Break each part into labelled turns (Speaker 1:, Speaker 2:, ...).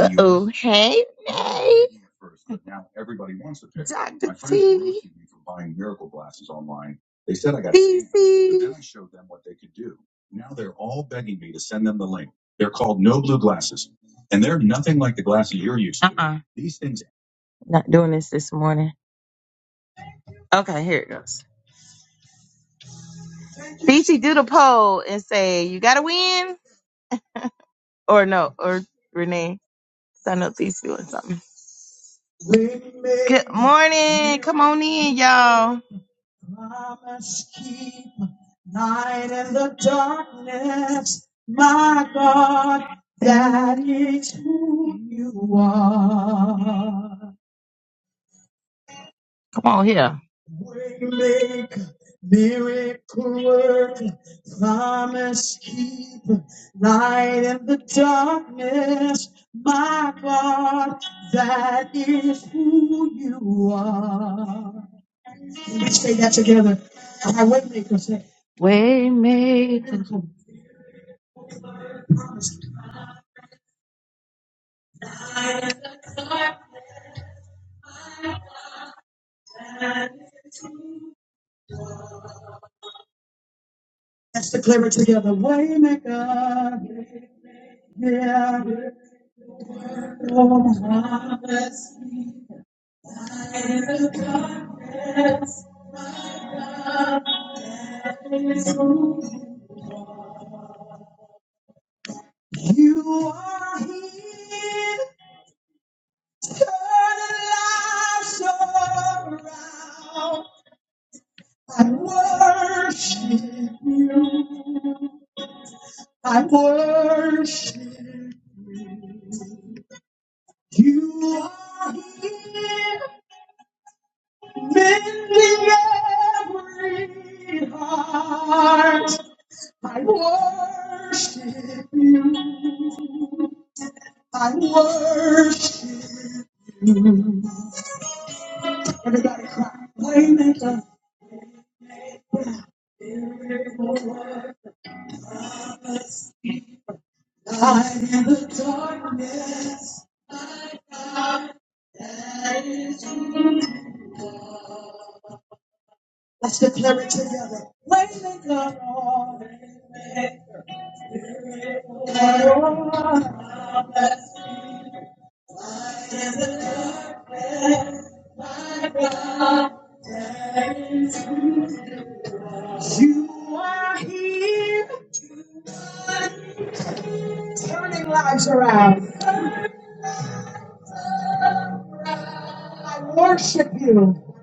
Speaker 1: Uh Hey, Nay. Dr. Uh uh Not doing this this morning. Okay, here it goes. Fifi, do the poll and say, you got to win? Or no, or Renee. 'cause I know Fifi doing something. Good morning. Come on in, y'all. Promise keeper, light in the darkness, my God, that is who you are. Come on here. Waymaker, miracle work, promise keeper, light in the darkness, my God, that is who you are. Let's say that together. Our waymaker, say. Waymaker, Let's declare it together. Waymaker, yeah. Oh, my. You are here, turning lives around. I worship you. I worship you. You are here. Mending every heart, I worship you. I worship you. Everybody cry. Waymaker, I am. Let's declare it together. Waymaker, Lord, you are here, turning lives around. I worship you.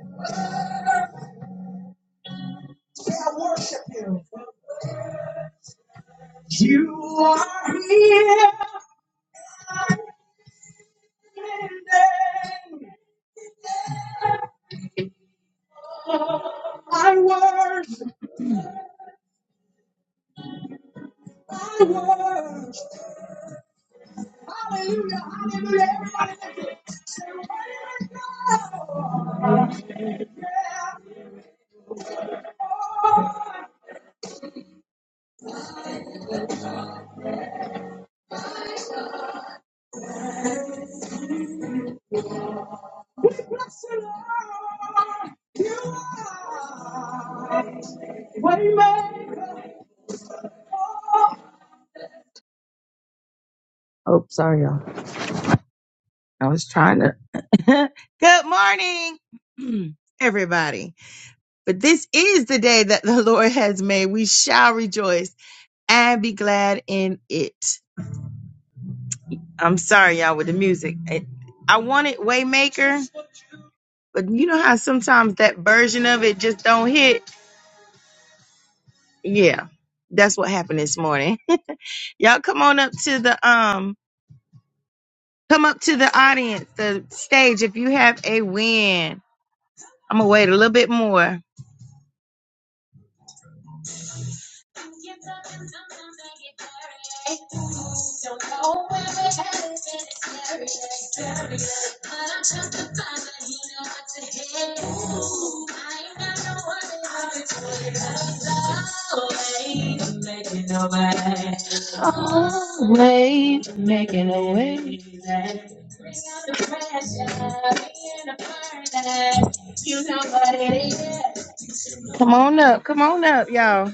Speaker 1: Say, I worship you. You are here. I worship, I worship. Oh, sorry, y'all. I was trying to. Good morning, everybody. But this is the day that the Lord has made. We shall rejoice and be glad in it. I'm sorry, y'all, with the music. It- I wanted Waymaker, but you know how sometimes that version of it just don't hit. Yeah, that's what happened this morning. y'all, come on up to the um Come up to the audience, the stage, if you have a win. I'm gonna wait a little bit more. Wait, making a way. Come on up, come on up, y'all.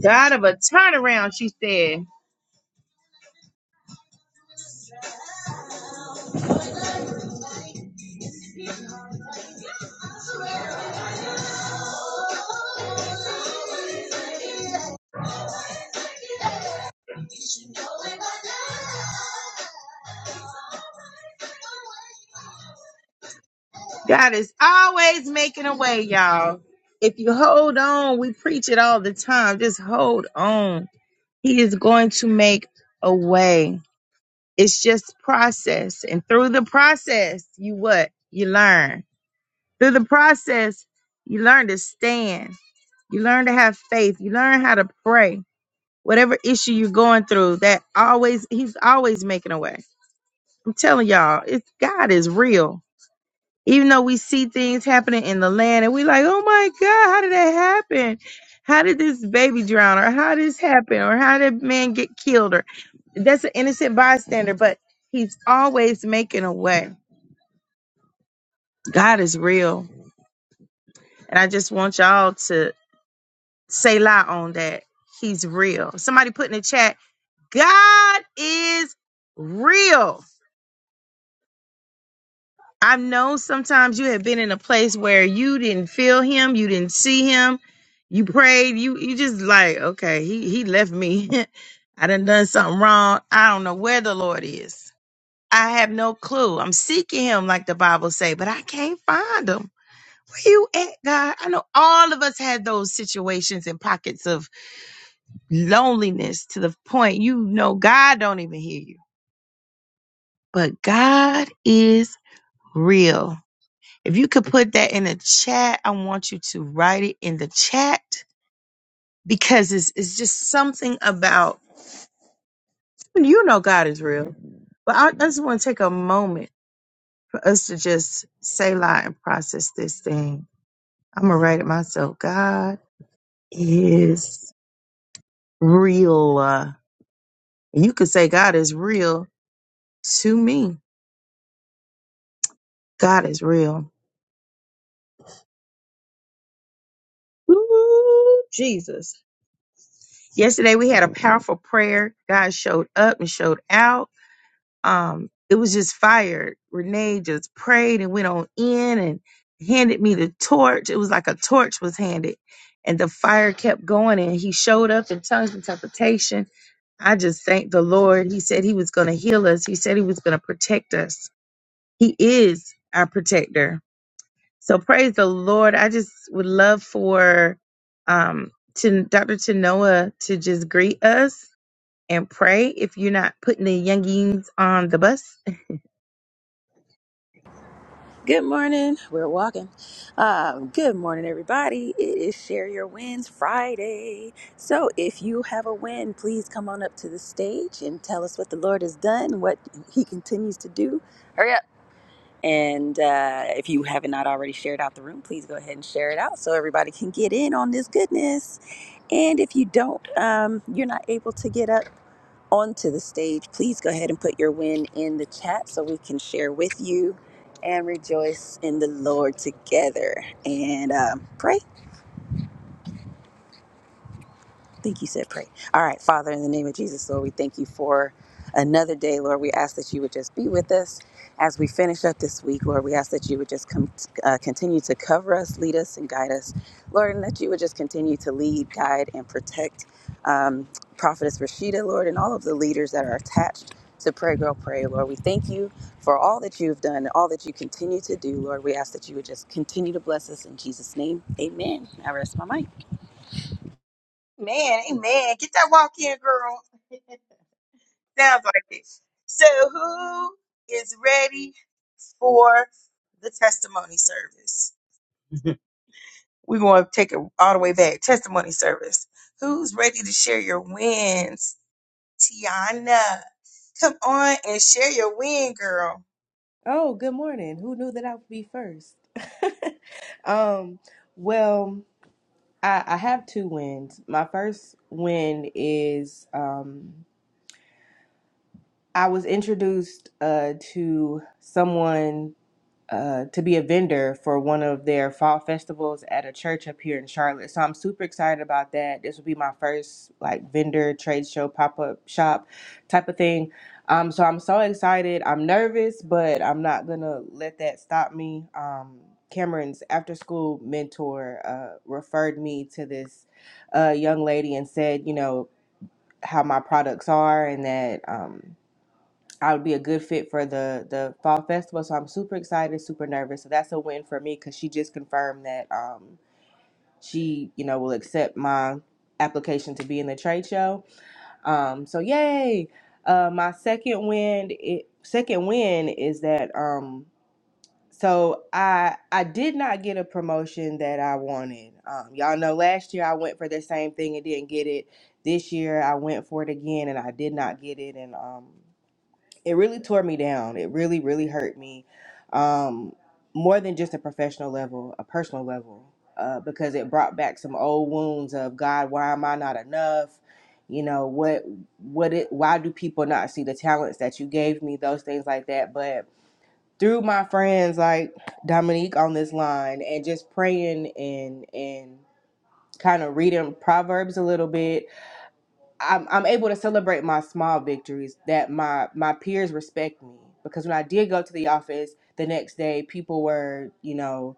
Speaker 1: God of a turnaround, she said. God is always making a way, y'all. If you hold on, we preach it all the time. Just hold on. He is going to make a way. It's just process. And through the process, you what? You learn. Through the process, you learn to stand. You learn to have faith. You learn how to pray. Whatever issue you're going through, that always he's always making a way. I'm telling y'all, it's God is real. Even though we see things happening in the land and we like, oh my God, how did that happen? How did this baby drown? Or how did this happen? Or how did man get killed? Or that's an innocent bystander, but he's always making a way. God is real. And I just want y'all to Say lie on that. He's real. Somebody put in the chat, God is real. I know sometimes you have been in a place where you didn't feel him, you didn't see him, you prayed, you you just like, okay, he he left me. I done done something wrong. I don't know where the Lord is. I have no clue. I'm seeking him like the Bible say, but I can't find him. Where you at, God? I know all of us had those situations and pockets of loneliness to the point you know God don't even hear you. But God is real. If you could put that in the chat, I want you to write it in the chat because it's it's just something about you know God is real. But I, I just want to take a moment for us to just say lie and process this thing. I'm gonna write it myself. God is real. Uh, and you could say God is real to me. God is real. Ooh, Jesus. Yesterday we had a powerful prayer. God showed up and showed out. Um, it was just fire. Renee just prayed and went on in and handed me the torch. It was like a torch was handed. And the fire kept going and he showed up in tongues and interpretation. I just thank the Lord. He said he was going to heal us. He said he was going to protect us. He is our protector. So praise the Lord. I just would love for um to Dr. Tanoa to just greet us and pray if you're not putting the youngins on the bus.
Speaker 2: Good morning. We're walking. Um, good morning, everybody. It is Share Your Wins Friday. So, if you have a win, please come on up to the stage and tell us what the Lord has done, what He continues to do. And uh, if you have not already shared out the room, please go ahead and share it out so everybody can get in on this goodness. And if you don't, um, you're not able to get up onto the stage, please go ahead and put your win in the chat so we can share with you and rejoice in the Lord together and um, pray. I think you said pray. All right, Father, in the name of Jesus, Lord, we thank you for another day, Lord. We ask that you would just be with us as we finish up this week, Lord. We ask that you would just com- uh, continue to cover us, lead us, and guide us, Lord, and that you would just continue to lead, guide, and protect um, Prophetess Rashida, Lord, and all of the leaders that are attached. To pray, girl, pray, Lord. We thank you for all that you've done and all that you continue to do, Lord. We ask that you would just continue to bless us in Jesus' name. Amen. I rest my mic.
Speaker 1: Man, amen. Get that walk in, girl. Sounds like it. So, who is ready for the testimony service? We're going to take it all the way back. Testimony service. Who's ready to share your wins? Tiana, come on and share your win, girl.
Speaker 3: Oh, good morning. Who knew that I would be first? Um, well, I, I have two wins. My first win is um, I was introduced uh, to someone uh, to be a vendor for one of their fall festivals at a church up here in Charlotte. So I'm super excited about that. This will be my first like vendor trade show pop up shop type of thing. Um, so I'm so excited. I'm nervous, but I'm not gonna let that stop me. Um, Cameron's after school mentor uh, referred me to this uh, young lady and said, you know, how my products are and that. Um, I would be a good fit for the the fall festival. So I'm super excited, super nervous. So that's a win for me because she just confirmed that um she you know will accept my application to be in the trade show. Um, so yay! Uh, my second win it, second win is that um so I I did not get a promotion that I wanted. Um, y'all know last year I went for the same thing and didn't get it. This year I went for it again and I did not get it and um it really tore me down. It really, really hurt me, um, more than just a professional level, a personal level, uh, because it brought back some old wounds of God. Why am I not enough? You know what? What it? Why do people not see the talents that you gave me? Those things like that. But through my friends like Dominique on this line, and just praying and and kind of reading Proverbs a little bit I'm I'm able to celebrate my small victories that my my peers respect me because when I did go to the office the next day, people were you know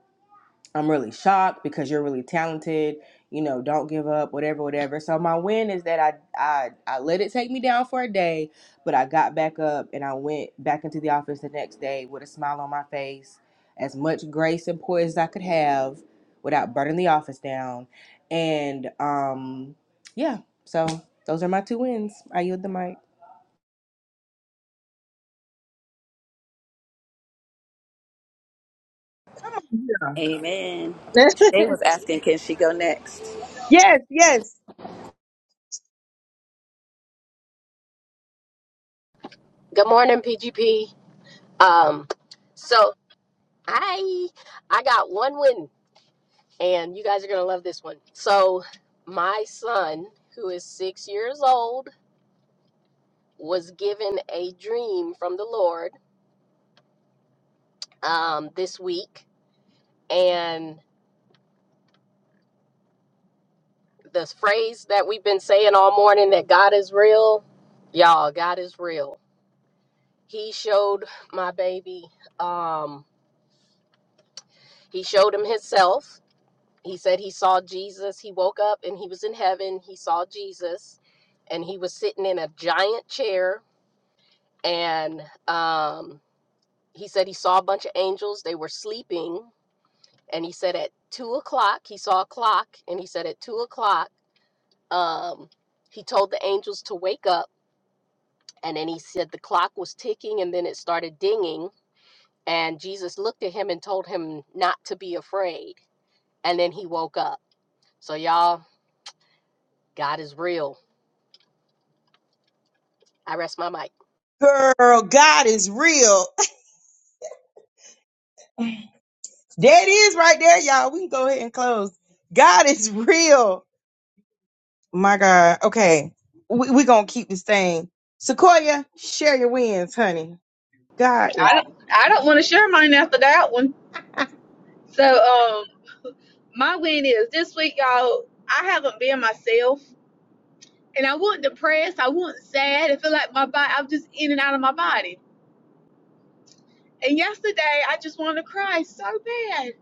Speaker 3: I'm really shocked because you're really talented. You know, don't give up, whatever, whatever. So my win is that I I I let it take me down for a day, but I got back up and I went back into the office the next day with a smile on my face, as much grace and poise as I could have without burning the office down. And um yeah, so those are my two wins. I yield the mic.
Speaker 1: Come on.
Speaker 2: Amen.
Speaker 1: Let's-
Speaker 2: They was asking, can she go next?
Speaker 1: Yes, yes.
Speaker 4: Good morning, PGP. Um, so I I got one win, and you guys are gonna love this one. So my son, who is six years old, was given a dream from the Lord um, this week, and the phrase that we've been saying all morning that God is real, y'all, God is real. He showed my baby. Um, he showed him himself he said he saw Jesus. He woke up and he was in heaven. He saw Jesus and he was sitting in a giant chair. And um, he said he saw a bunch of angels. They were sleeping. And he said at two o'clock, he saw a clock. And he said at two o'clock, um, he told the angels to wake up. And then he said the clock was ticking and then it started dinging. And Jesus looked at him and told him not to be afraid. And then he woke up. So, y'all, God is real. I rest my mic.
Speaker 1: Girl, God is real. That is right there, y'all. We can go ahead and close. God is real. My God. Okay. We're we going to keep this thing. Sequoia, share your wins, honey. God.
Speaker 5: I don't I don't want to share mine after that one. So um my win is this week, y'all, I haven't been myself and I wasn't depressed, I wasn't sad, I feel like my body I'm just in and out of my body. And yesterday I just wanted to cry so bad.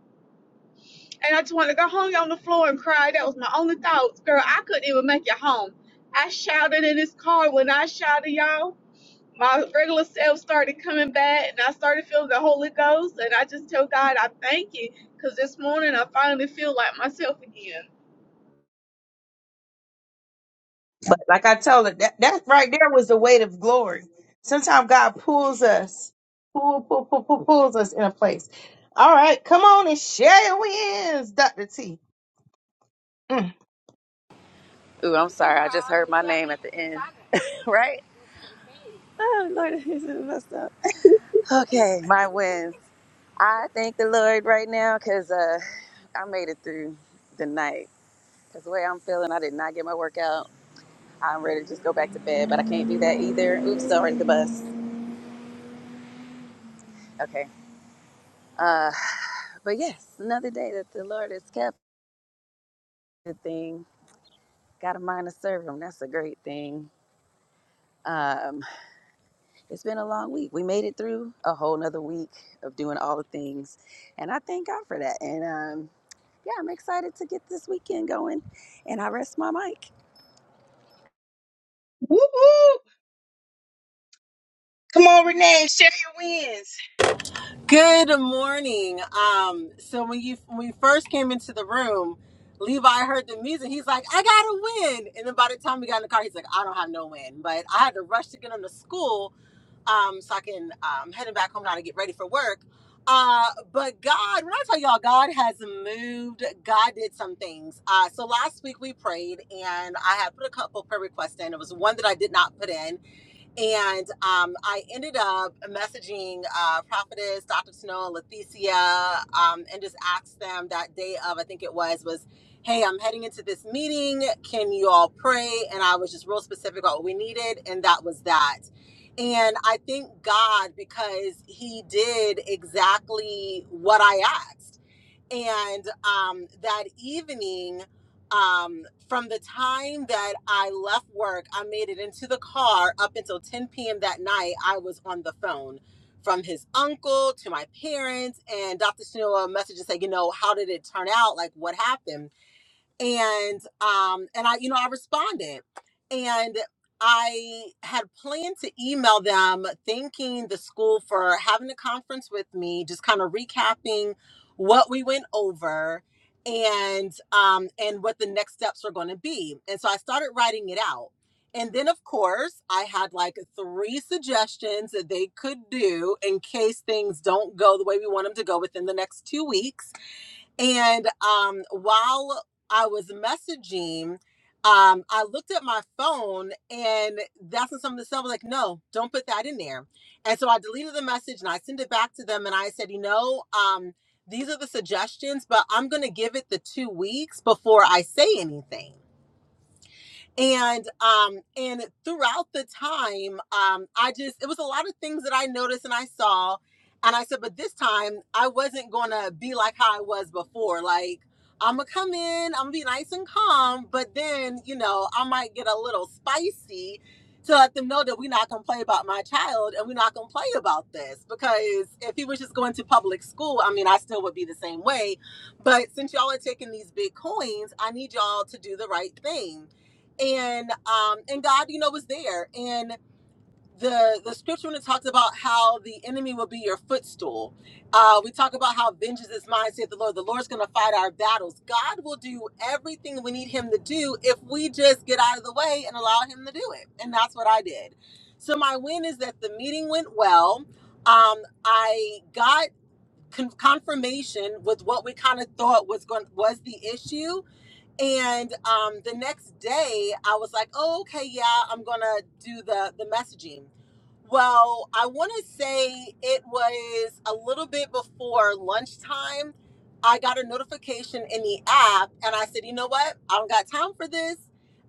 Speaker 5: And I just wanted to go home on the floor and cry. That was my only thoughts. Girl, I couldn't even make it home. I shouted in this car when I shouted, y'all. my regular self started coming back and I started feeling the Holy Ghost. And I just tell God, I thank you because this morning I finally feel like myself again.
Speaker 1: Like I told her, that, that right there was the weight of glory. Sometimes God pulls us, pull, pull, pull, pull, pulls us in a place. All right, come on and share your wins, Dr. T. Mm.
Speaker 2: Ooh, I'm sorry. I just heard my name at the end. Right? Oh, Lord, this is messed up. Okay, my wins. I thank the Lord right now because uh, I made it through the night. Because the way I'm feeling, I did not get my workout. I'm ready to just go back to bed, but I can't do that either. Oops, sorry, the bus. Okay. Uh, but yes, another day that the Lord has kept. Good thing. Got a mind to serve Him. That's a great thing. Um. It's been a long week. We made it through a whole nother week of doing all the things. And I thank God for that. And um, yeah, I'm excited to get this weekend going. And I rest my mic.
Speaker 1: Woo, woo. Come on, Renee, share your wins.
Speaker 6: Good morning. Um, so when you when we first came into the room, Levi heard the music. He's like, "I gotta win!" And then by the time we got in the car, he's like, "I don't have no win." But I had to rush to get him to school, um, so I can um heading back home now to get ready for work. Uh, but God, when I tell y'all, God has moved. God did some things. Uh, so last week we prayed, and I had put a couple prayer requests in. It was one that I did not put in and um, I ended up messaging uh, Prophetess, Dr. Snow, and Leticia, um, and just asked them that day of, I think it was, was, hey, I'm heading into this meeting. Can you all pray? And I was just real specific about what we needed. And that was that. And I thank God because he did exactly what I asked. And um, that evening, um, from the time that I left work, I made it into the car up until 10 p.m. that night. I was on the phone from his uncle to my parents. And Dr. Shanila messaged and said, You know, how did it turn out? Like, what happened? and um and i you know i responded and i had planned to email them thanking the school for having a conference with me just kind of recapping what we went over and um and what the next steps were going to be and so i started writing it out and then of course i had like three suggestions that they could do in case things don't go the way we want them to go within the next two weeks and um, while I was messaging, um, I looked at my phone and that's when something that said, like, no, don't put that in there. And so I deleted the message and I sent it back to them and I said, you know, um, these are the suggestions, but I'm going to give it the two weeks before I say anything and um and throughout the time um i just it was a lot of things that i noticed and i saw and i said but this time i wasn't gonna be like how i was before like i'm gonna come in i'm gonna be nice and calm but then you know i might get a little spicy to let them know that we're not gonna play about my child and we're not gonna play about this because if he was just going to public school i mean i still would be the same way but since y'all are taking these big coins i need y'all to do the right thing and um and god you know was there and the the scripture when it talks about how the enemy will be your footstool uh we talk about how vengeance is mine saith the lord the lord's gonna fight our battles god will do everything we need him to do if we just get out of the way and allow him to do it and that's what i did so my win is that the meeting went well um i got con- confirmation with what we kind of thought was going was the issue and um, the next day, I was like, oh, okay, yeah, I'm gonna do the the messaging. Well, I want to say it was a little bit before lunchtime. I got a notification in the app, and I said, "You know what? I don't got time for this."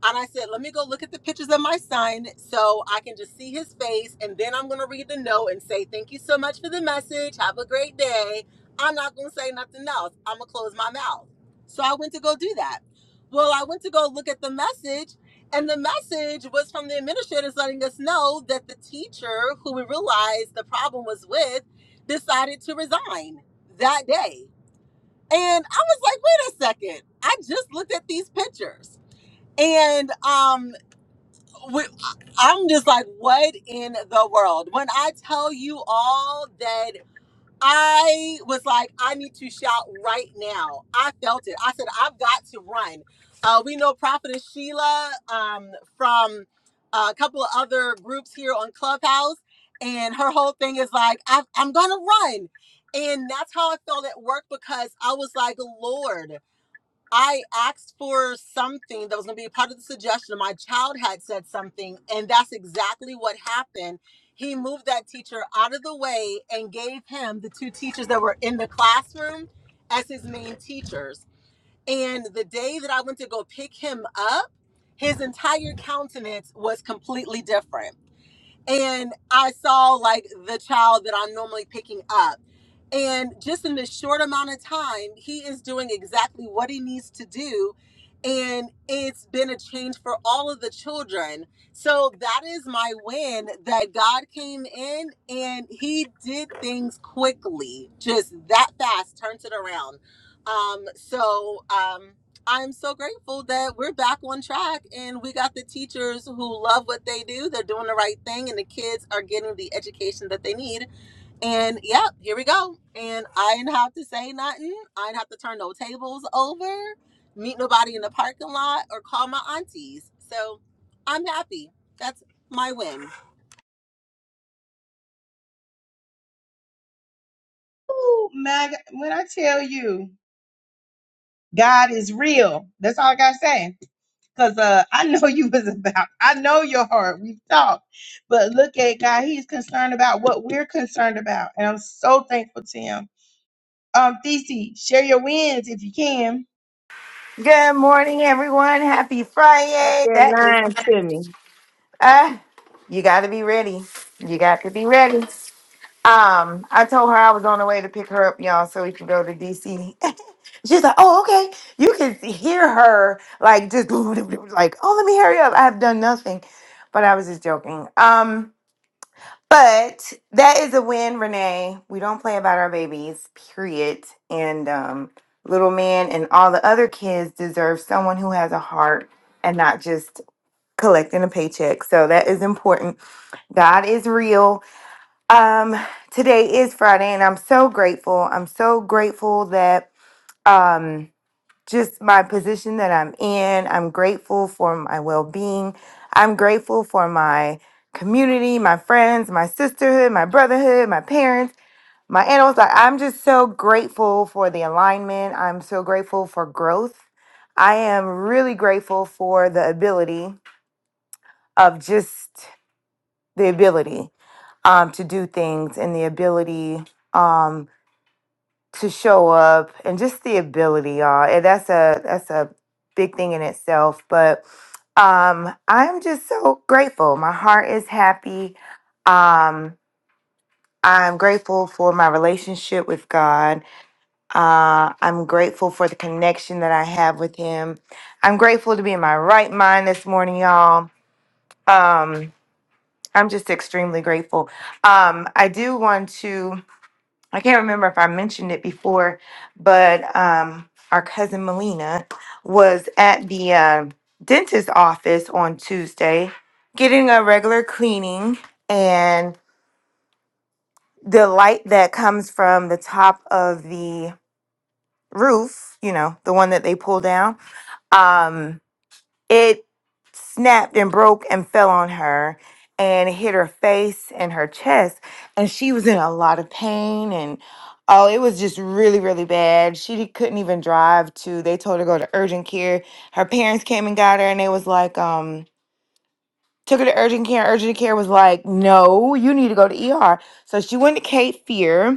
Speaker 6: And I said, "Let me go look at the pictures of my son, so I can just see his face, and then I'm gonna read the note and say thank you so much for the message. Have a great day." I'm not gonna say nothing else. I'm gonna close my mouth. So I went to go do that. Well, I went to go look at the message, and the message was from the administrators letting us know that the teacher, who we realized the problem was with, decided to resign that day. And I was like, wait a second. I just looked at these pictures. And um, we, I'm just like, what in the world? When I tell you all that I was like, I need to shout right now. I felt it. I said, I've got to run. Uh, we know Prophetess Sheila um, from uh, a couple of other groups here on Clubhouse, and her whole thing is like, i I'm going to run. And that's how I felt at work because I was like, Lord. I asked for something that was going to be a part of the suggestion. My child had said something, and that's exactly what happened. He moved that teacher out of the way and gave him the two teachers that were in the classroom as his main teachers. And the day that I went to go pick him up, his entire countenance was completely different and I saw like the child that I'm normally picking up. And just in this short amount of time, he is doing exactly what he needs to do. And it's been a change for all of the children. So that is my win that God came in and he did things quickly, just that fast, turned it around. Um, so, um, I'm so grateful that we're back on track and we got the teachers who love what they do. They're doing the right thing and the kids are getting the education that they need. And yeah, here we go. And I didn't have to say nothing. I didn't have to turn no tables over, meet nobody in the parking lot, or call my aunties. So I'm happy. That's my win.
Speaker 1: Ooh, my God. When I tell you, God is real. That's all I got to say. Because uh, I know you was about, I know your heart. We've talked. But look at God. He's concerned about what we're concerned about. And I'm so thankful to him. Um, Thesey, share your wins if you can.
Speaker 7: Good morning, everyone. Happy
Speaker 1: Up
Speaker 7: Friday.
Speaker 1: there
Speaker 7: That is,
Speaker 1: lying to me.
Speaker 7: uh, you got to be ready. You got to be ready. Um, I told her I was on the way to pick her up, y'all, so we could go to DC. She's like, "Oh, okay." You can hear her like just like, "Oh, let me hurry up. I have done nothing," but I was just joking. Um. But that is a win, Renee. We don't play about our babies, period. And um, little man and all the other kids deserve someone who has a heart and not just collecting a paycheck. So that is important. God is real. Um, today is Friday, and I'm so grateful. I'm so grateful that. Um, just my position that I'm in. I'm grateful for my well being. I'm grateful for my community, my friends, my sisterhood, my brotherhood, my parents, my animals. Like, I'm just so grateful for the alignment. I'm so grateful for growth. I am really grateful for the ability of just the ability um, to do things and the ability. Um, to show up and just the ability, y'all. And that's a that's a big thing in itself. But um I'm just so grateful. My heart is happy. Um I'm grateful for my relationship with God. Uh, I'm grateful for the connection that I have with Him. I'm grateful to be in my right mind this morning, y'all. Um, I'm just extremely grateful. Um, I do want to. I can't remember if I mentioned it before, but um, our cousin Melina was at the uh, dentist's office on Tuesday getting a regular cleaning, and the light that comes from the top of the roof, you know, the one that they pull down. Um, it snapped and broke and fell on her and hit her face and her chest. And she was in a lot of pain. And oh, it was just really, really bad. She couldn't even drive to, they told her to go to urgent care. Her parents came and got her and they was like, um, took her to urgent care. Urgent care was like, no, you need to go to ER. So she went to Cape Fear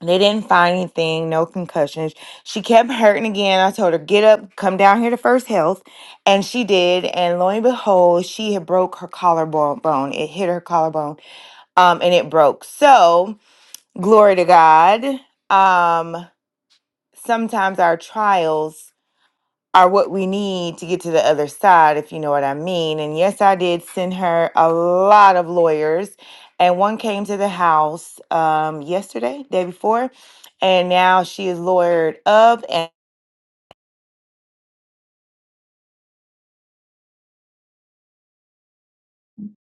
Speaker 7: they didn't find anything, no concussions. She kept hurting again. I told her, get up, come down here to First Health. And she did. And lo and behold, she had broke her collarbone. Bone. It hit her collarbone um, and it broke. So, glory to God. Um, sometimes our trials are what we need to get to the other side, if you know what I mean. And yes, I did send her a lot of lawyers, and one came to the house um, yesterday, day before, and now she is lawyered up. And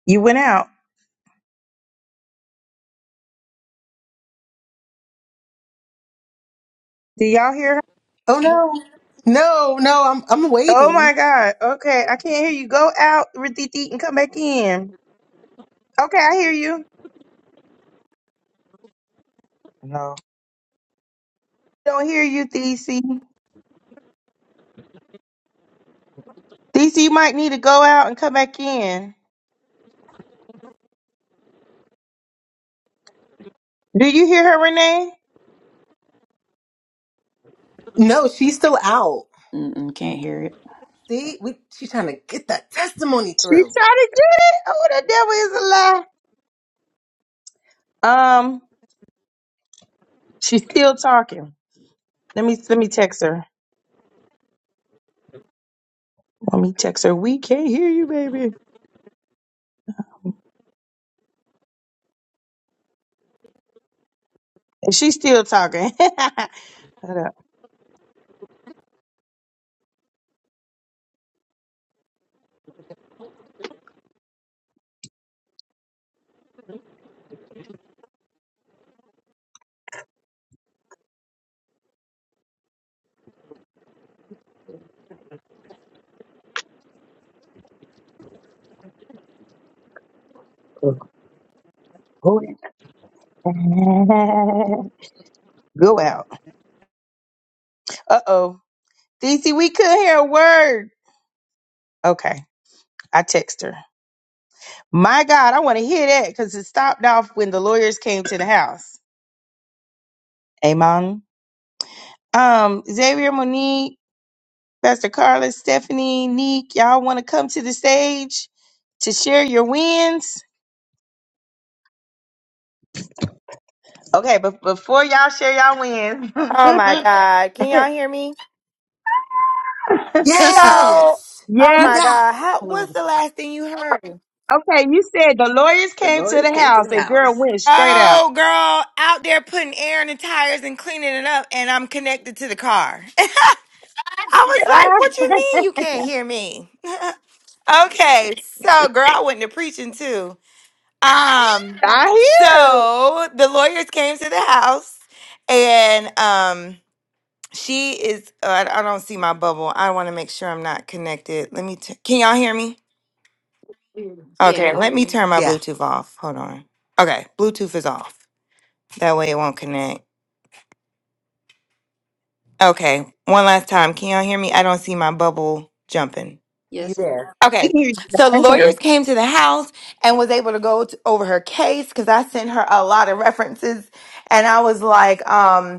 Speaker 1: You went out. Do y'all hear her?
Speaker 6: Oh no. No, no, I'm I'm
Speaker 1: Oh
Speaker 6: waiting.
Speaker 1: my God. Okay, I can't hear you. Go out, Thesey, and come back in. Okay, I hear you. No. Don't hear you, Thesey. Thesey, you might need to go out and come back in. Do you hear her, Renee?
Speaker 6: No, she's still out.
Speaker 2: Mm-mm, can't hear it.
Speaker 6: See, we she's trying to get that testimony
Speaker 1: She
Speaker 6: through.
Speaker 1: tried to get it. Oh, the devil is a lie. Um, she's still talking. Let me let me text her. Let me text her. We can't hear you, baby. And She's still talking. Hold up. Go out. Go out. Uh oh. DC, we could hear a word. Okay. I text her. My God, I want to hear that because it stopped off when the lawyers came to the house. Amen. Um, Xavier, Monique, Pastor Carla, Stephanie, Neek, y'all want to come to the stage to share your wins? Okay, but before y'all share y'all wins,
Speaker 7: oh my God, can y'all hear me? So,
Speaker 6: Yes,
Speaker 7: oh
Speaker 6: you
Speaker 7: my
Speaker 1: yes,
Speaker 6: back.
Speaker 7: God, how? What's the last thing you heard?
Speaker 1: Okay, you said the lawyers
Speaker 2: The
Speaker 1: came
Speaker 2: Lord
Speaker 1: to
Speaker 2: has
Speaker 1: the
Speaker 2: came to
Speaker 1: house
Speaker 2: the
Speaker 1: and girl
Speaker 2: house.
Speaker 1: went straight out.
Speaker 7: Oh, girl, out there putting air in the tires and cleaning it up, and I'm connected to the car. I was like,
Speaker 1: I,
Speaker 7: "What you mean you can't hear me?" Okay, so girl, I went to preaching too. Um,
Speaker 1: I hear.
Speaker 7: so the lawyers came to the house, and um, she is. Uh, I I don't see my bubble. I want to make sure I'm not connected. Let me. T- Can y'all hear me?
Speaker 2: Yeah,
Speaker 7: Okay,
Speaker 2: we
Speaker 7: let
Speaker 2: hear
Speaker 7: me
Speaker 2: you.
Speaker 7: turn my
Speaker 6: Yeah,
Speaker 7: Bluetooth off. Hold on. Okay, Bluetooth is off. That way it won't connect. Okay, one last time. Can y'all hear me? I don't see my bubble jumping.
Speaker 6: you
Speaker 2: Yes, ma'am.
Speaker 6: there.
Speaker 1: We
Speaker 7: Okay,
Speaker 1: can hear you.
Speaker 7: so the
Speaker 1: I hear.
Speaker 7: lawyers came to the house and was able to go t over her case because I sent her a lot of references, and I was like, um,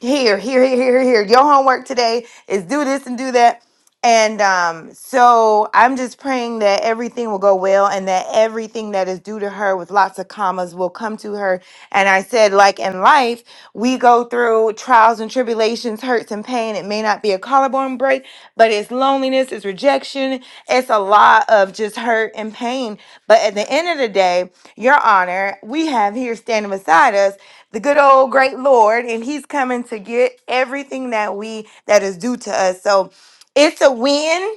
Speaker 7: here, here, here, here, here. Your homework today is do this and do that. And um, so I'm just praying that everything will go well and that everything that is due to her with lots of commas will come to her. And I said, like in life, we go through trials and tribulations, hurts and pain. It may not be a collarbone break, but it's loneliness, it's rejection, it's a lot of just hurt and pain. But at the end of the day, Your Honor, we have here standing beside us the good old great Lord, and He's coming to get everything that we that is due to us. So it's a win.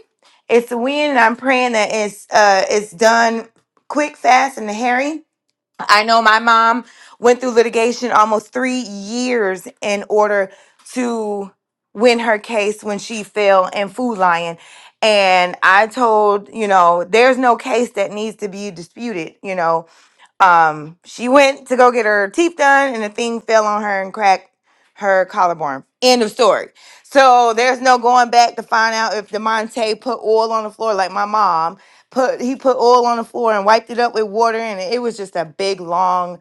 Speaker 7: It's a win, and I'm praying that it's uh it's done quick, fast, and hairy. I know my mom went through litigation almost three years in order to win her case when she fell in Food Lion. And I told, you know, there's no case that needs to be disputed, you know um, she went to go get her teeth done, and the thing fell on her and cracked her collarbone. End of story. So there's no going back to find out if Demonte put oil on the floor, like my mom put. He put oil on the floor and wiped it up with water, and it was just a big long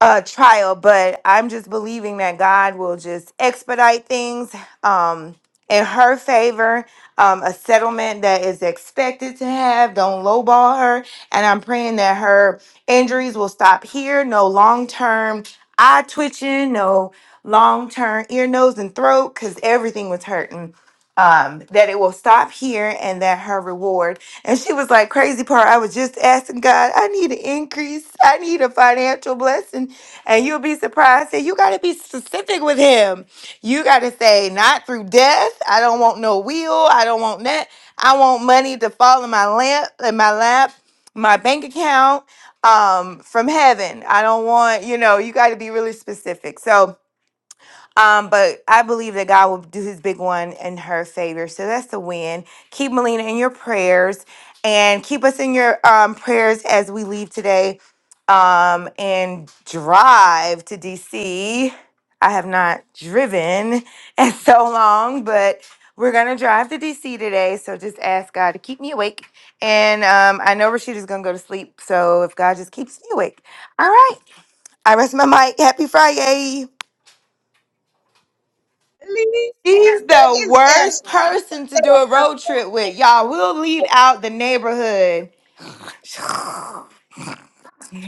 Speaker 7: uh trial but i'm just believing that god will just expedite things um in her favor um a settlement that is expected to have don't lowball her and i'm praying that her injuries will stop here no long term eye twitching no long term ear nose and throat because everything was hurting um that it will stop here and that her reward and she was like, crazy part, I was just asking God, I need an increase. I need a financial blessing. And you'll be surprised that you got to be specific with him. You got to say, not through death. I don't want no wheel. I don't want that. I want money to fall in my lamp, in my lap, my bank account um, from heaven. I don't want, you know, you got to be really specific. So, um, but I believe that God will do his big one in her favor. So that's the win. Keep Melina in your prayers and keep us in your um, prayers as we leave today um, and drive to DC. I have not driven in so long, but we're going to drive to DC today. So just ask God to keep me awake. And um, I know Rashida's going to go to sleep. So if God just keeps me awake. All right. I rest my mic. Happy Friday. She's the worst person to do a road trip with. Y'all, we'll leave out the neighborhood. hey,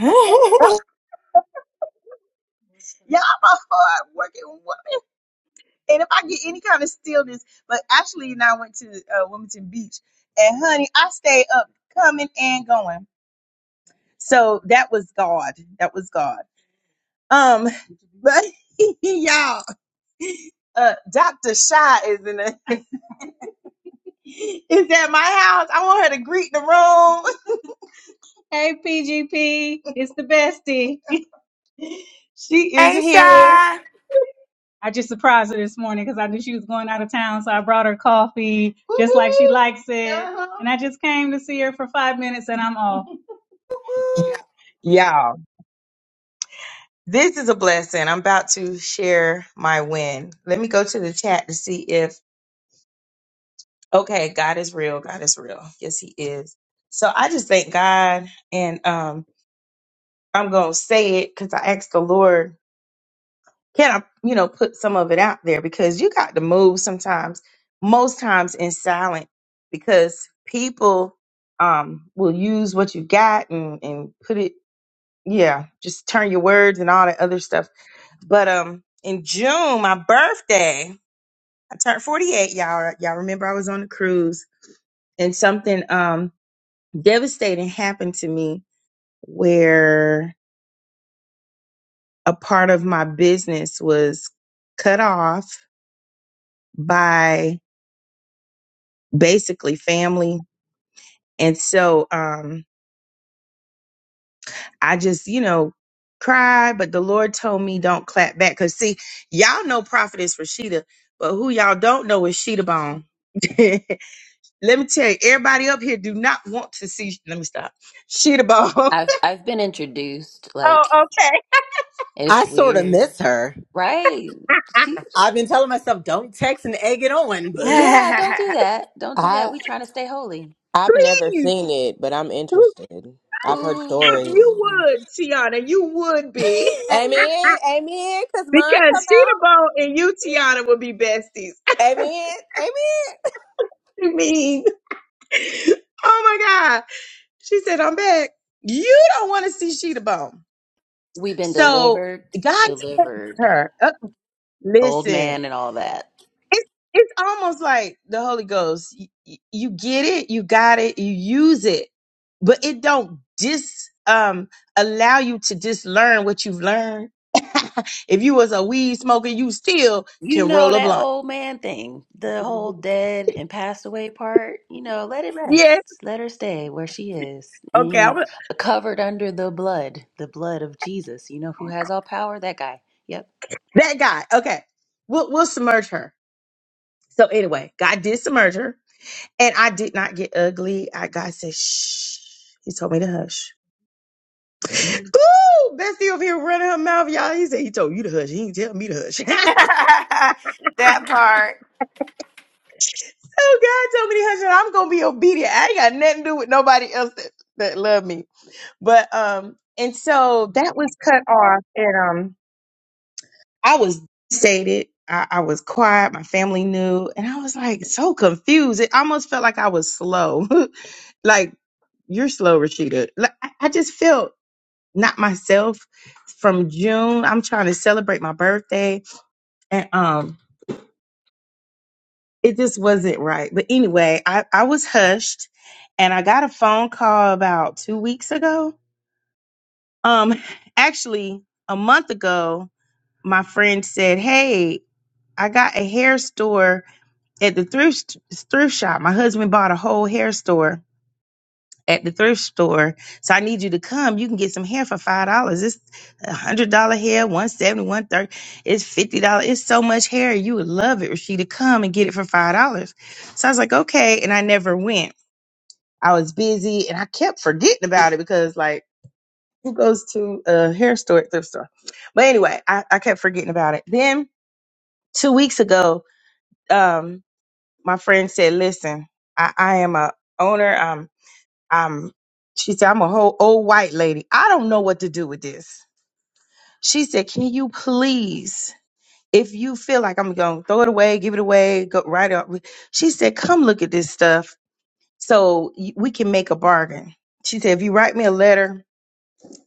Speaker 1: Yeah, I'm a hard-working women. And if I get any kind of stillness, but actually, you know, I went to uh, Wilmington Beach, and honey, I stayed up, coming and going. So that was God. That was God. Um, but y'all, uh, Doctor Shy is in the is at my house. I want her to greet the room. Hey, PGP, it's the bestie. She is here.
Speaker 7: Shy.
Speaker 1: I just surprised her this morning because I knew she was going out of town, so I brought her coffee just like she likes it. Uh-huh. And I just came to see her for five minutes and I'm off. Y'all, this is a blessing. I'm about to share my win. Let me go to the chat to see if, okay, God is real. God is real. Yes, He is. So I just thank God and um, I'm going to say it because I asked the Lord can I, you know, put some of it out there because you got to move sometimes, most times in silent because people um will use what you got and and put it yeah, just turn your words and all that other stuff. But um in June, my birthday, I turned 48, y'all y'all remember I was on the cruise and something um devastating happened to me where a part of my business was cut off by. basically family. And so um I just, you know, cried, but the Lord told me don't clap back. Cause see, y'all know Prophetess Rashida, but who y'all don't know is Sheeta Bone. let me tell you, everybody up here do not want to see let me stop. Sheeta Bone.
Speaker 2: I've I've been introduced.
Speaker 1: Oh,
Speaker 2: Like
Speaker 1: okay.
Speaker 6: I
Speaker 2: it's
Speaker 6: sort of
Speaker 2: weird,
Speaker 6: miss her.
Speaker 2: right? She,
Speaker 6: I've been telling myself, don't text and egg it on,
Speaker 2: yeah,
Speaker 6: but.
Speaker 2: don't do that. Don't do that.
Speaker 3: I
Speaker 2: We trying to stay holy.
Speaker 3: I've never
Speaker 1: Please.
Speaker 3: seen it, but I'm
Speaker 1: who-
Speaker 3: interested. I've heard stories.
Speaker 1: You
Speaker 2: Ooh,
Speaker 1: would, Tiana, you would be.
Speaker 7: that
Speaker 3: Amen, amen. Cause mine come
Speaker 1: Because
Speaker 3: out.
Speaker 1: Sheeta Bone and you, Tiana, would be besties.
Speaker 3: Amen. Amen.
Speaker 1: I mean, oh my God. She said, I'm back. You don't want to see Sheeta Bone.
Speaker 2: we've been
Speaker 1: So
Speaker 2: delivered,
Speaker 1: God took
Speaker 2: delivered,
Speaker 1: her. Uh,
Speaker 2: old
Speaker 1: listen,
Speaker 2: man, and all that.
Speaker 1: it's, it's almost like the Holy Ghost. You, you get it, you got it, you use it, but it don't dis um allow you to dislearn what you've learned. if you was a weed smoker, you still
Speaker 2: You
Speaker 1: can
Speaker 2: know
Speaker 1: roll a
Speaker 2: that
Speaker 1: blunt.
Speaker 2: old man thing, the whole dead and passed away part. You know, let it
Speaker 1: Yeah.
Speaker 2: rest. Let her stay where she is. And
Speaker 1: Okay.
Speaker 2: you know,
Speaker 1: I'm,
Speaker 2: covered under the blood, the blood of Jesus. You know who has all power? That guy. Yep.
Speaker 1: that guy. Okay. We'll, we'll submerge her. So anyway, God did submerge her And I did not get ugly. I God said, shh. He told me to hush. Ooh, Bestie over here running her mouth, y'all. He said he told you to hush. He didn't tell me to hush. oh,
Speaker 7: part.
Speaker 1: God told me to hush, and I'm gonna be obedient. I ain't got nothing to do with nobody else that, that love me. But um, and so that was cut off, and um, I was devastated. I, I was quiet. My family knew, and I was like so confused. It almost felt like I was slow. like you're slow, Rashida. Like, I I just felt not myself from June. I'm trying to celebrate my birthday. And um it just wasn't right. But anyway, I, I was hushed and I got a phone call about two weeks ago. Um actually a month ago, my friend said, Hey, I got a hair store at the thrift thrift shop. My husband bought a whole hair store at the thrift store. So I need you to come. You can get some hair for five dollars. It's a hundred dollar hair, one seventy, one thirty. It's fifty dollars. It's so much hair. You would love it, Rashida. Come and get it for five dollars. So I was like, okay, and I never went. I was busy and I kept forgetting about it because like who goes to a hair store at thrift store? But anyway, I, I kept forgetting about it. Then two weeks ago, um, my friend said, Listen, I, I am a owner. I'm she said, I'm a whole old white lady. I don't know what to do with this. She said, Can you please, if you feel like I'm gonna throw it away, give it away, go right up. She said, Come look at this stuff so y- we can make a bargain. She said, If you write me a letter,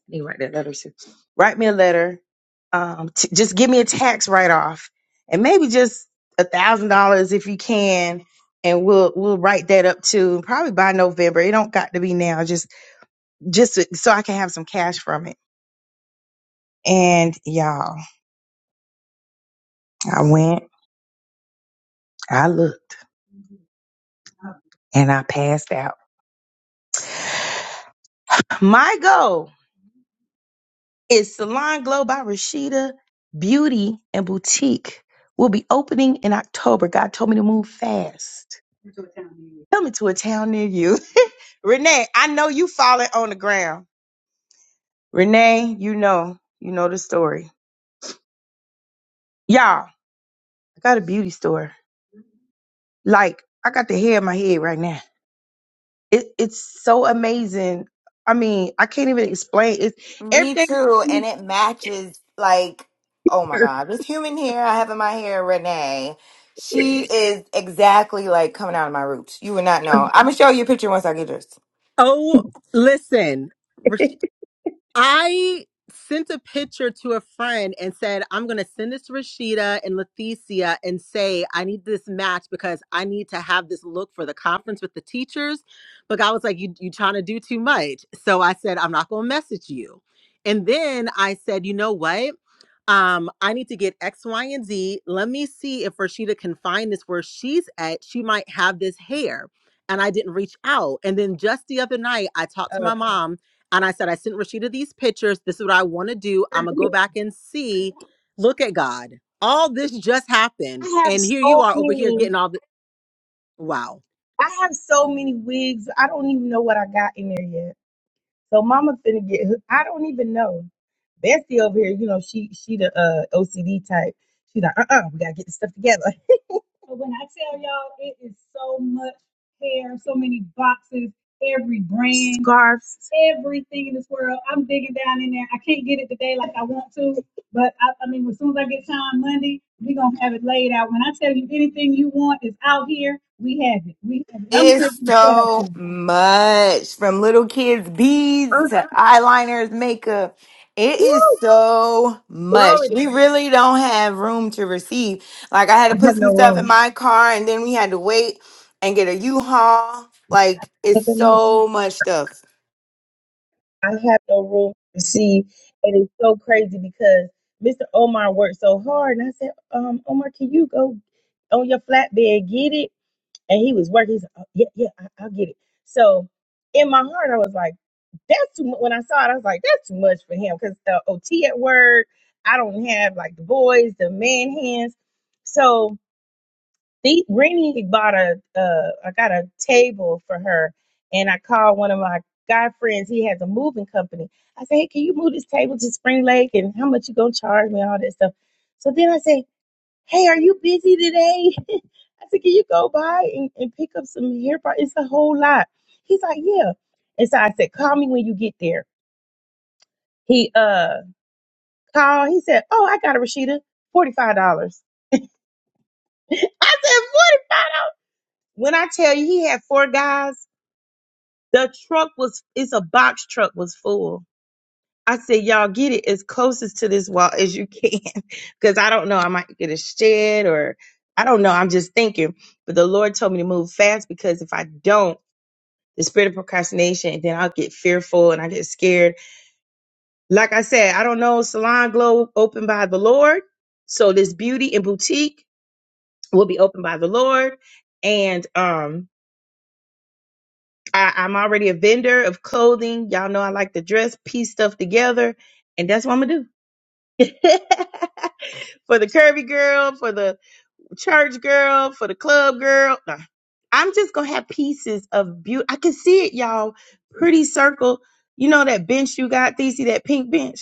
Speaker 1: you write that letter, too. write me a letter, um, t- just give me a tax write off and maybe just a thousand dollars if you can. And we'll we'll write that up too, probably by November. It don't got to be now. Just just to- so I can have some cash from it. And y'all, I went, I looked, and I passed out. My goal is Salon Glow by Rashida Beauty and Boutique will be opening in October. God told me to move fast. Coming to a town near you. Renee, I know you falling on the ground. Renee, you know, you know the story. Y'all, I got a beauty store. Like, I got the hair in my head right now. it, it's so amazing. I mean, I can't even explain. It's
Speaker 7: Me
Speaker 1: everything.
Speaker 7: too. And it matches, like, oh my God, this human hair I have in my hair, Renee. She is exactly like coming out of my roots. You would not know. I'm going to show you a picture once I get this.
Speaker 6: Oh, listen, Rash- I sent a picture to a friend and said, I'm going to send this to Rashida and Leticia and say, I need this match because I need to have this look for the conference with the teachers. But I was like, you, you trying to do too much. So I said, I'm not going to message you. And then I said, you know what? um, I need to get X, Y, and Z. Let me see if Rashida can find this where she's at. She might have this hair. And I didn't reach out. And then just the other night, I talked to my mom and I said, I sent Rashida these pictures. This is what I want to do. I'm going to go back and see. Look at God. All this just happened. And here you are over here getting all the wow.
Speaker 1: I have so many wigs. I don't even know what I got in there yet. So Mama finna get. I don't even know. Bessie over here, you know, she she the uh, OCD type. She like, uh, uh we gotta get this stuff together. So when I tell y'all, it is so much hair, so many boxes, every brand, Scarves. everything in this world. I'm digging down in there. I can't get it today like I want to, but I, I mean, as soon as I get time Monday, we gonna have it laid out. When I tell you anything you want is out here, we have it. We have it. I'm here
Speaker 7: It's
Speaker 1: to set up
Speaker 7: so
Speaker 1: for you.
Speaker 7: much from little kids' beads to eyeliners, makeup. It is so much. We really don't have room to receive. Like, I had to put some stuff in my car and then we had to wait and get a U haul. Like, it's so much stuff.
Speaker 1: I have no room to receive. And it's so crazy because Mr. Omar worked so hard. And I said, um, Omar, can you go on your flatbed, get it? and he was working. He's like, oh, yeah, yeah, I, I'll get it. So in my heart, I was like, that's too. mu- When I saw it, I was like, that's too much for him because the OT at work, I don't have like the boys, the man hands. So the Rennie bought a, uh, I got a table for her, and I called one of my guy friends. He has a moving company. I said, hey, can you move this table to Spring Lake, and how much you gonna charge me, all that stuff. So then I said. Hey, are you busy today? I said, Can you go by and, and pick up some hair products? It's a whole lot. He's like, Yeah. And so I said, Call me when you get there. He uh called, he said, Oh, I got a Rashida, $45. I said, What? When I tell you he had four guys, the truck was it's a box truck was full. I said, Y'all get it as closest to this wall as you can. Cause I don't know, I might get a shed or I don't know. I'm just thinking. But the Lord told me to move fast because if I don't, the spirit of procrastination, and then I'll get fearful and I get scared. Like I said, I don't know, Salon Glow opened by the Lord. So this beauty and boutique will be opened by the Lord. And um I, I'm already a vendor of clothing. Y'all know I like to dress, piece stuff together, and that's what I'm gonna do. for the curvy girl, for the church girl, for the club girl. Nah, I'm just gonna have pieces of beauty. I can see it, y'all. Pretty circle. You know that bench you got, Thesey, that pink bench?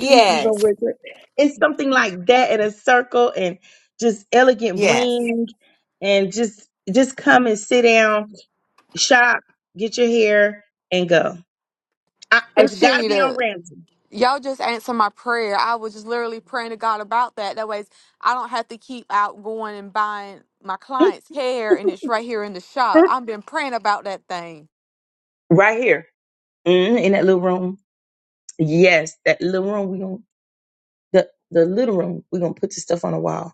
Speaker 1: You, you go with it. It's something like that in a circle and just elegant
Speaker 7: Yes.
Speaker 1: bling and just just come and sit down, shop, get your hair, and go. I, it's got to be on
Speaker 5: Rashida,
Speaker 1: Ramsey.
Speaker 5: y'all just answered my prayer. I was just literally praying to God about that. That way, I don't have to keep out going and buying my clients' hair, and it's right here in the shop. I've been praying about that thing.
Speaker 1: right here hmm in that little room. Yes, that little room. We gonna the the little room. We gonna put the stuff on the wall.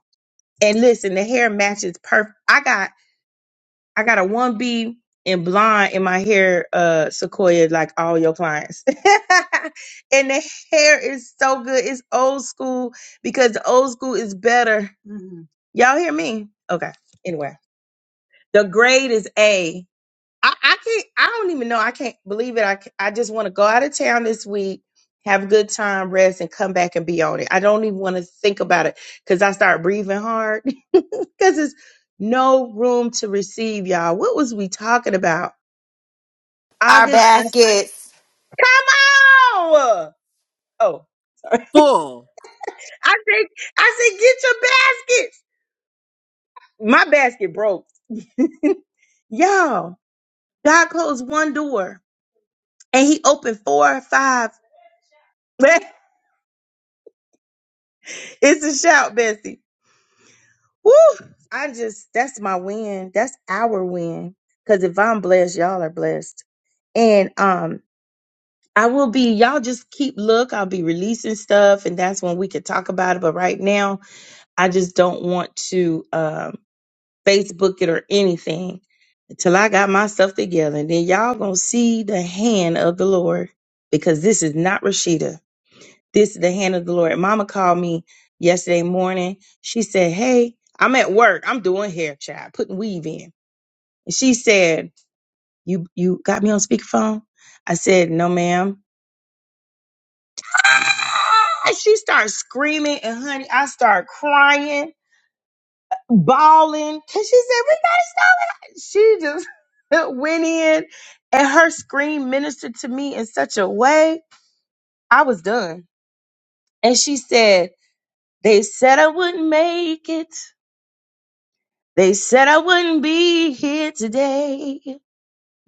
Speaker 1: And listen, the hair matches perfect. I got. I got a one B and blonde in my hair, uh, Sequoia, like all your clients. and the hair is so good. It's old school because the old school is better. Y'all hear me? Okay. Anyway, the grade is A. I, I can't. I don't even know. I can't believe it. I ca- I just want to go out of town this week, have a good time, rest, and come back and be on it. I don't even want to think about it because I start breathing hard because it's no room to receive, y'all. What was we talking about?
Speaker 7: Our
Speaker 1: August. I,
Speaker 7: baskets.
Speaker 1: come on. Oh, sorry.
Speaker 6: Full.
Speaker 1: I said, I said, get your baskets. My basket broke. Y'all, God closed one door and he opened four or five. it's a shout, Bessie. Woo! I just, that's my win. That's our win. Cause if I'm blessed, y'all are blessed. And, um, I will be, y'all just keep look. I'll be releasing stuff and that's when we could talk about it. But right now, I just don't want to, um. Facebook it or anything until I got myself together. And then y'all gonna see the hand of the Lord because this is not Rashida. This is the hand of the Lord. Mama called me yesterday morning. She said, Hey, I'm at work. I'm doing hair, child, putting weave in. And she said, You you got me on speakerphone? I said, No, ma'am. And she starts screaming and honey, I start crying bawling. And she said, We gotta stop it. She just went in and her scream ministered to me in such a way. I was done. And she said, They said I wouldn't make it. They said I wouldn't be here today.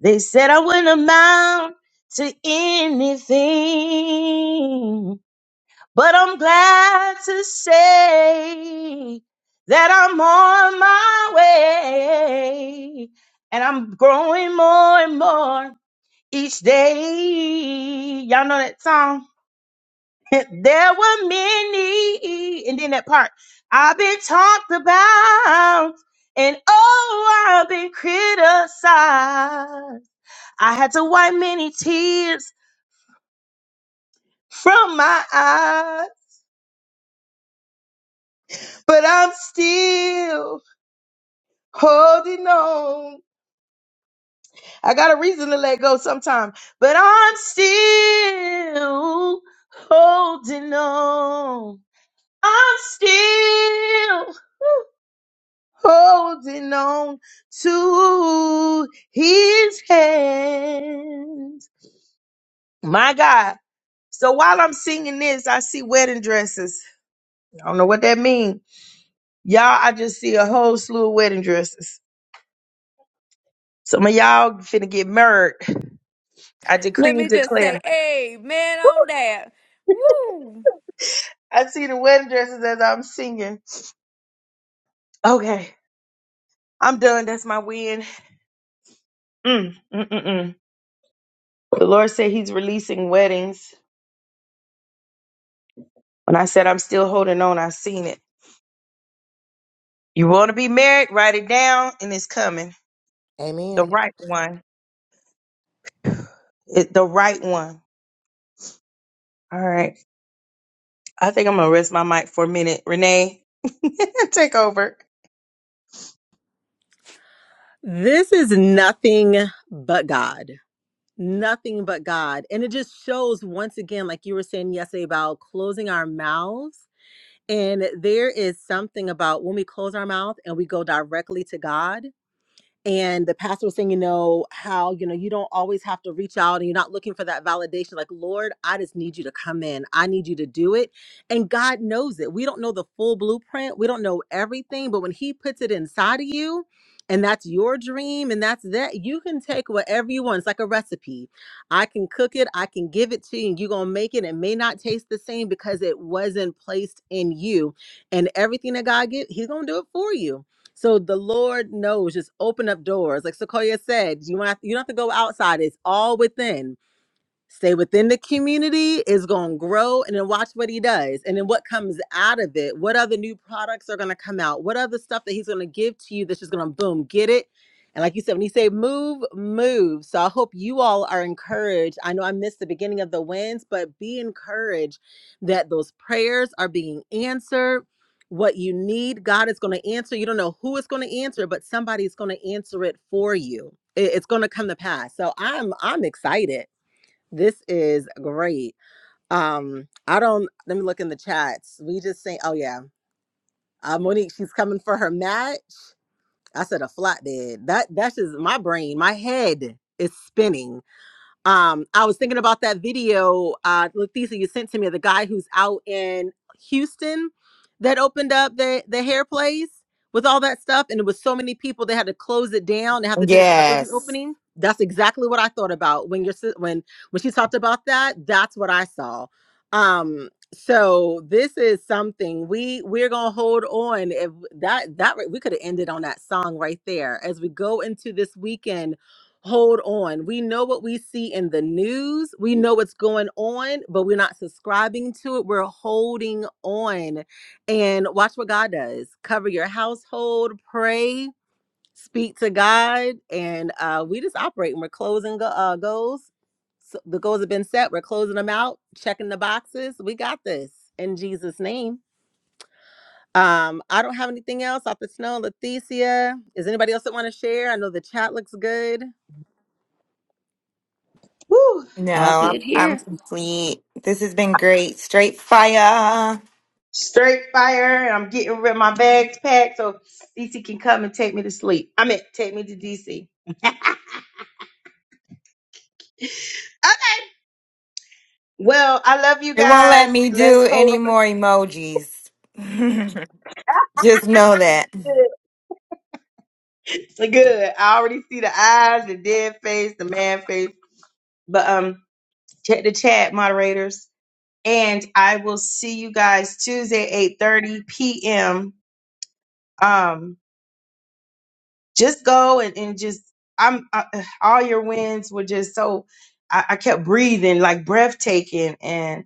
Speaker 1: They said I wouldn't amount to anything. But I'm glad to say that I'm on my way and I'm growing more and more each day. Y'all know that song? there were many, and then that part I've been talked about. And oh, I've been criticized. I had to wipe many tears from my eyes, but I'm still holding on. I got a reason to let go sometime, but I'm still holding on. I'm still holding on to his hand. My God. So while I'm singing this, I see wedding dresses. I don't know what that means. Y'all, I just see a whole slew of wedding dresses. Some of y'all finna get married. I decree
Speaker 5: Let
Speaker 1: and
Speaker 5: me just
Speaker 1: declare.
Speaker 5: say amen on that. Woo!
Speaker 1: I see the wedding dresses as I'm singing. Okay, I'm done. That's my win. Mm, mm, mm, mm. The Lord said He's releasing weddings. When I said I'm still holding on, I seen it. You want to be married? Write it down, and it's coming. The
Speaker 3: Amen.
Speaker 1: right one. It, the right one. All right. I think I'm gonna rest my mic for a minute. Renee, take over.
Speaker 6: This is nothing but God. nothing but God. And it just shows once again, like you were saying yesterday about closing our mouths. And there is something about when we close our mouth and we go directly to God, and the pastor was saying, you know, how, you know, you don't always have to reach out and you're not looking for that validation. Like, Lord, I just need you to come in. I need you to do it. And God knows it. We don't know the full blueprint, we don't know everything, but when He puts it inside of you, and that's your dream, and that's that. You can take whatever you want. It's like a recipe. I can cook it, I can give it to you, and you're going to make it. It may not taste the same because it wasn't placed in you. And everything that God gives, He's going to do it for you so the Lord knows, just open up doors. Like Sequoia said, you want you don't have to go outside, it's all within stay within the community is going to grow and then watch what he does and then what comes out of it what other new products are going to come out what other stuff that he's going to give to you that's just going to boom get it and like you said when you say move move so i hope you all are encouraged i know i missed the beginning of the wins but be encouraged that those prayers are being answered what you need god is going to answer you don't know who is going to answer but somebody's going to answer it for you It- it's going to come to pass so i'm i'm excited this is great. Um, I don't let me look in the chats. We just saying, oh yeah. Uh, Monique, she's coming for her match. I said a flat dead. That that's just my brain, my head is spinning um, I was thinking about that video, uh, Leticia, you sent to me, the guy who's out in Houston that opened up the the hair place with all that stuff, and it was so many people they had to close it down. They have to do another
Speaker 7: Yes.
Speaker 6: reopening. That's exactly what I thought about when you're si- when when she talked about that. That's what I saw. Um, so this is something we we're gonna hold on. If that that we could have ended on that song right there as we go into this weekend hold on. We know what we see in the news. We know what's going on, but we're not subscribing to it. We're holding on. And watch what God does. Cover your household, pray, speak to God, and uh, we just operate and we're closing go- uh, goals. So the goals have been set. We're closing them out, checking the boxes. We got this in Jesus' name. Um, I don't have anything else off the snow. Leticia, is anybody else that want to share? I know the chat looks good.
Speaker 1: Woo!
Speaker 7: No,
Speaker 2: All
Speaker 7: I'm,
Speaker 2: good
Speaker 7: I'm
Speaker 2: here.
Speaker 7: complete. This has been great. Straight fire.
Speaker 1: Straight fire. I'm getting rid of my bags packed so DC can come and take me to sleep. I mean, take me to DC. Okay. Well, I love you
Speaker 7: It won't
Speaker 1: guys.
Speaker 7: let me
Speaker 1: Let's
Speaker 7: do
Speaker 1: hold
Speaker 7: any
Speaker 1: on. to
Speaker 7: more emojis. Just know that.
Speaker 1: Good. Good. I already see the eyes, the dead face, the man face. But um check the chat moderators. And I will see you guys Tuesday, 8 30 p.m. Um, just go and, and just I'm I, all your wins were just so I, I kept breathing like breathtaking and.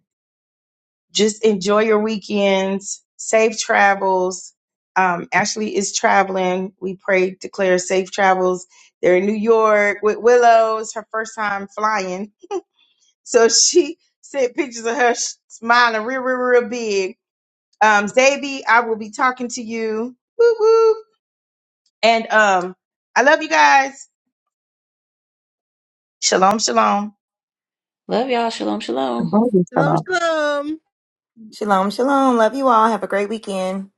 Speaker 1: just enjoy your weekends, safe travels. Um, Ashley is traveling. We pray, declare safe travels. They're in New York with Willow. It's her first time flying. So she sent pictures of her sh- smiling real, real, real big. Um, Zaby, I will be talking to you. Woo, woo. And um, I love you guys. Shalom, shalom.
Speaker 2: Love y'all. Shalom, shalom.
Speaker 6: Shalom, shalom.
Speaker 7: Shalom, shalom. Love you all. Have a great weekend.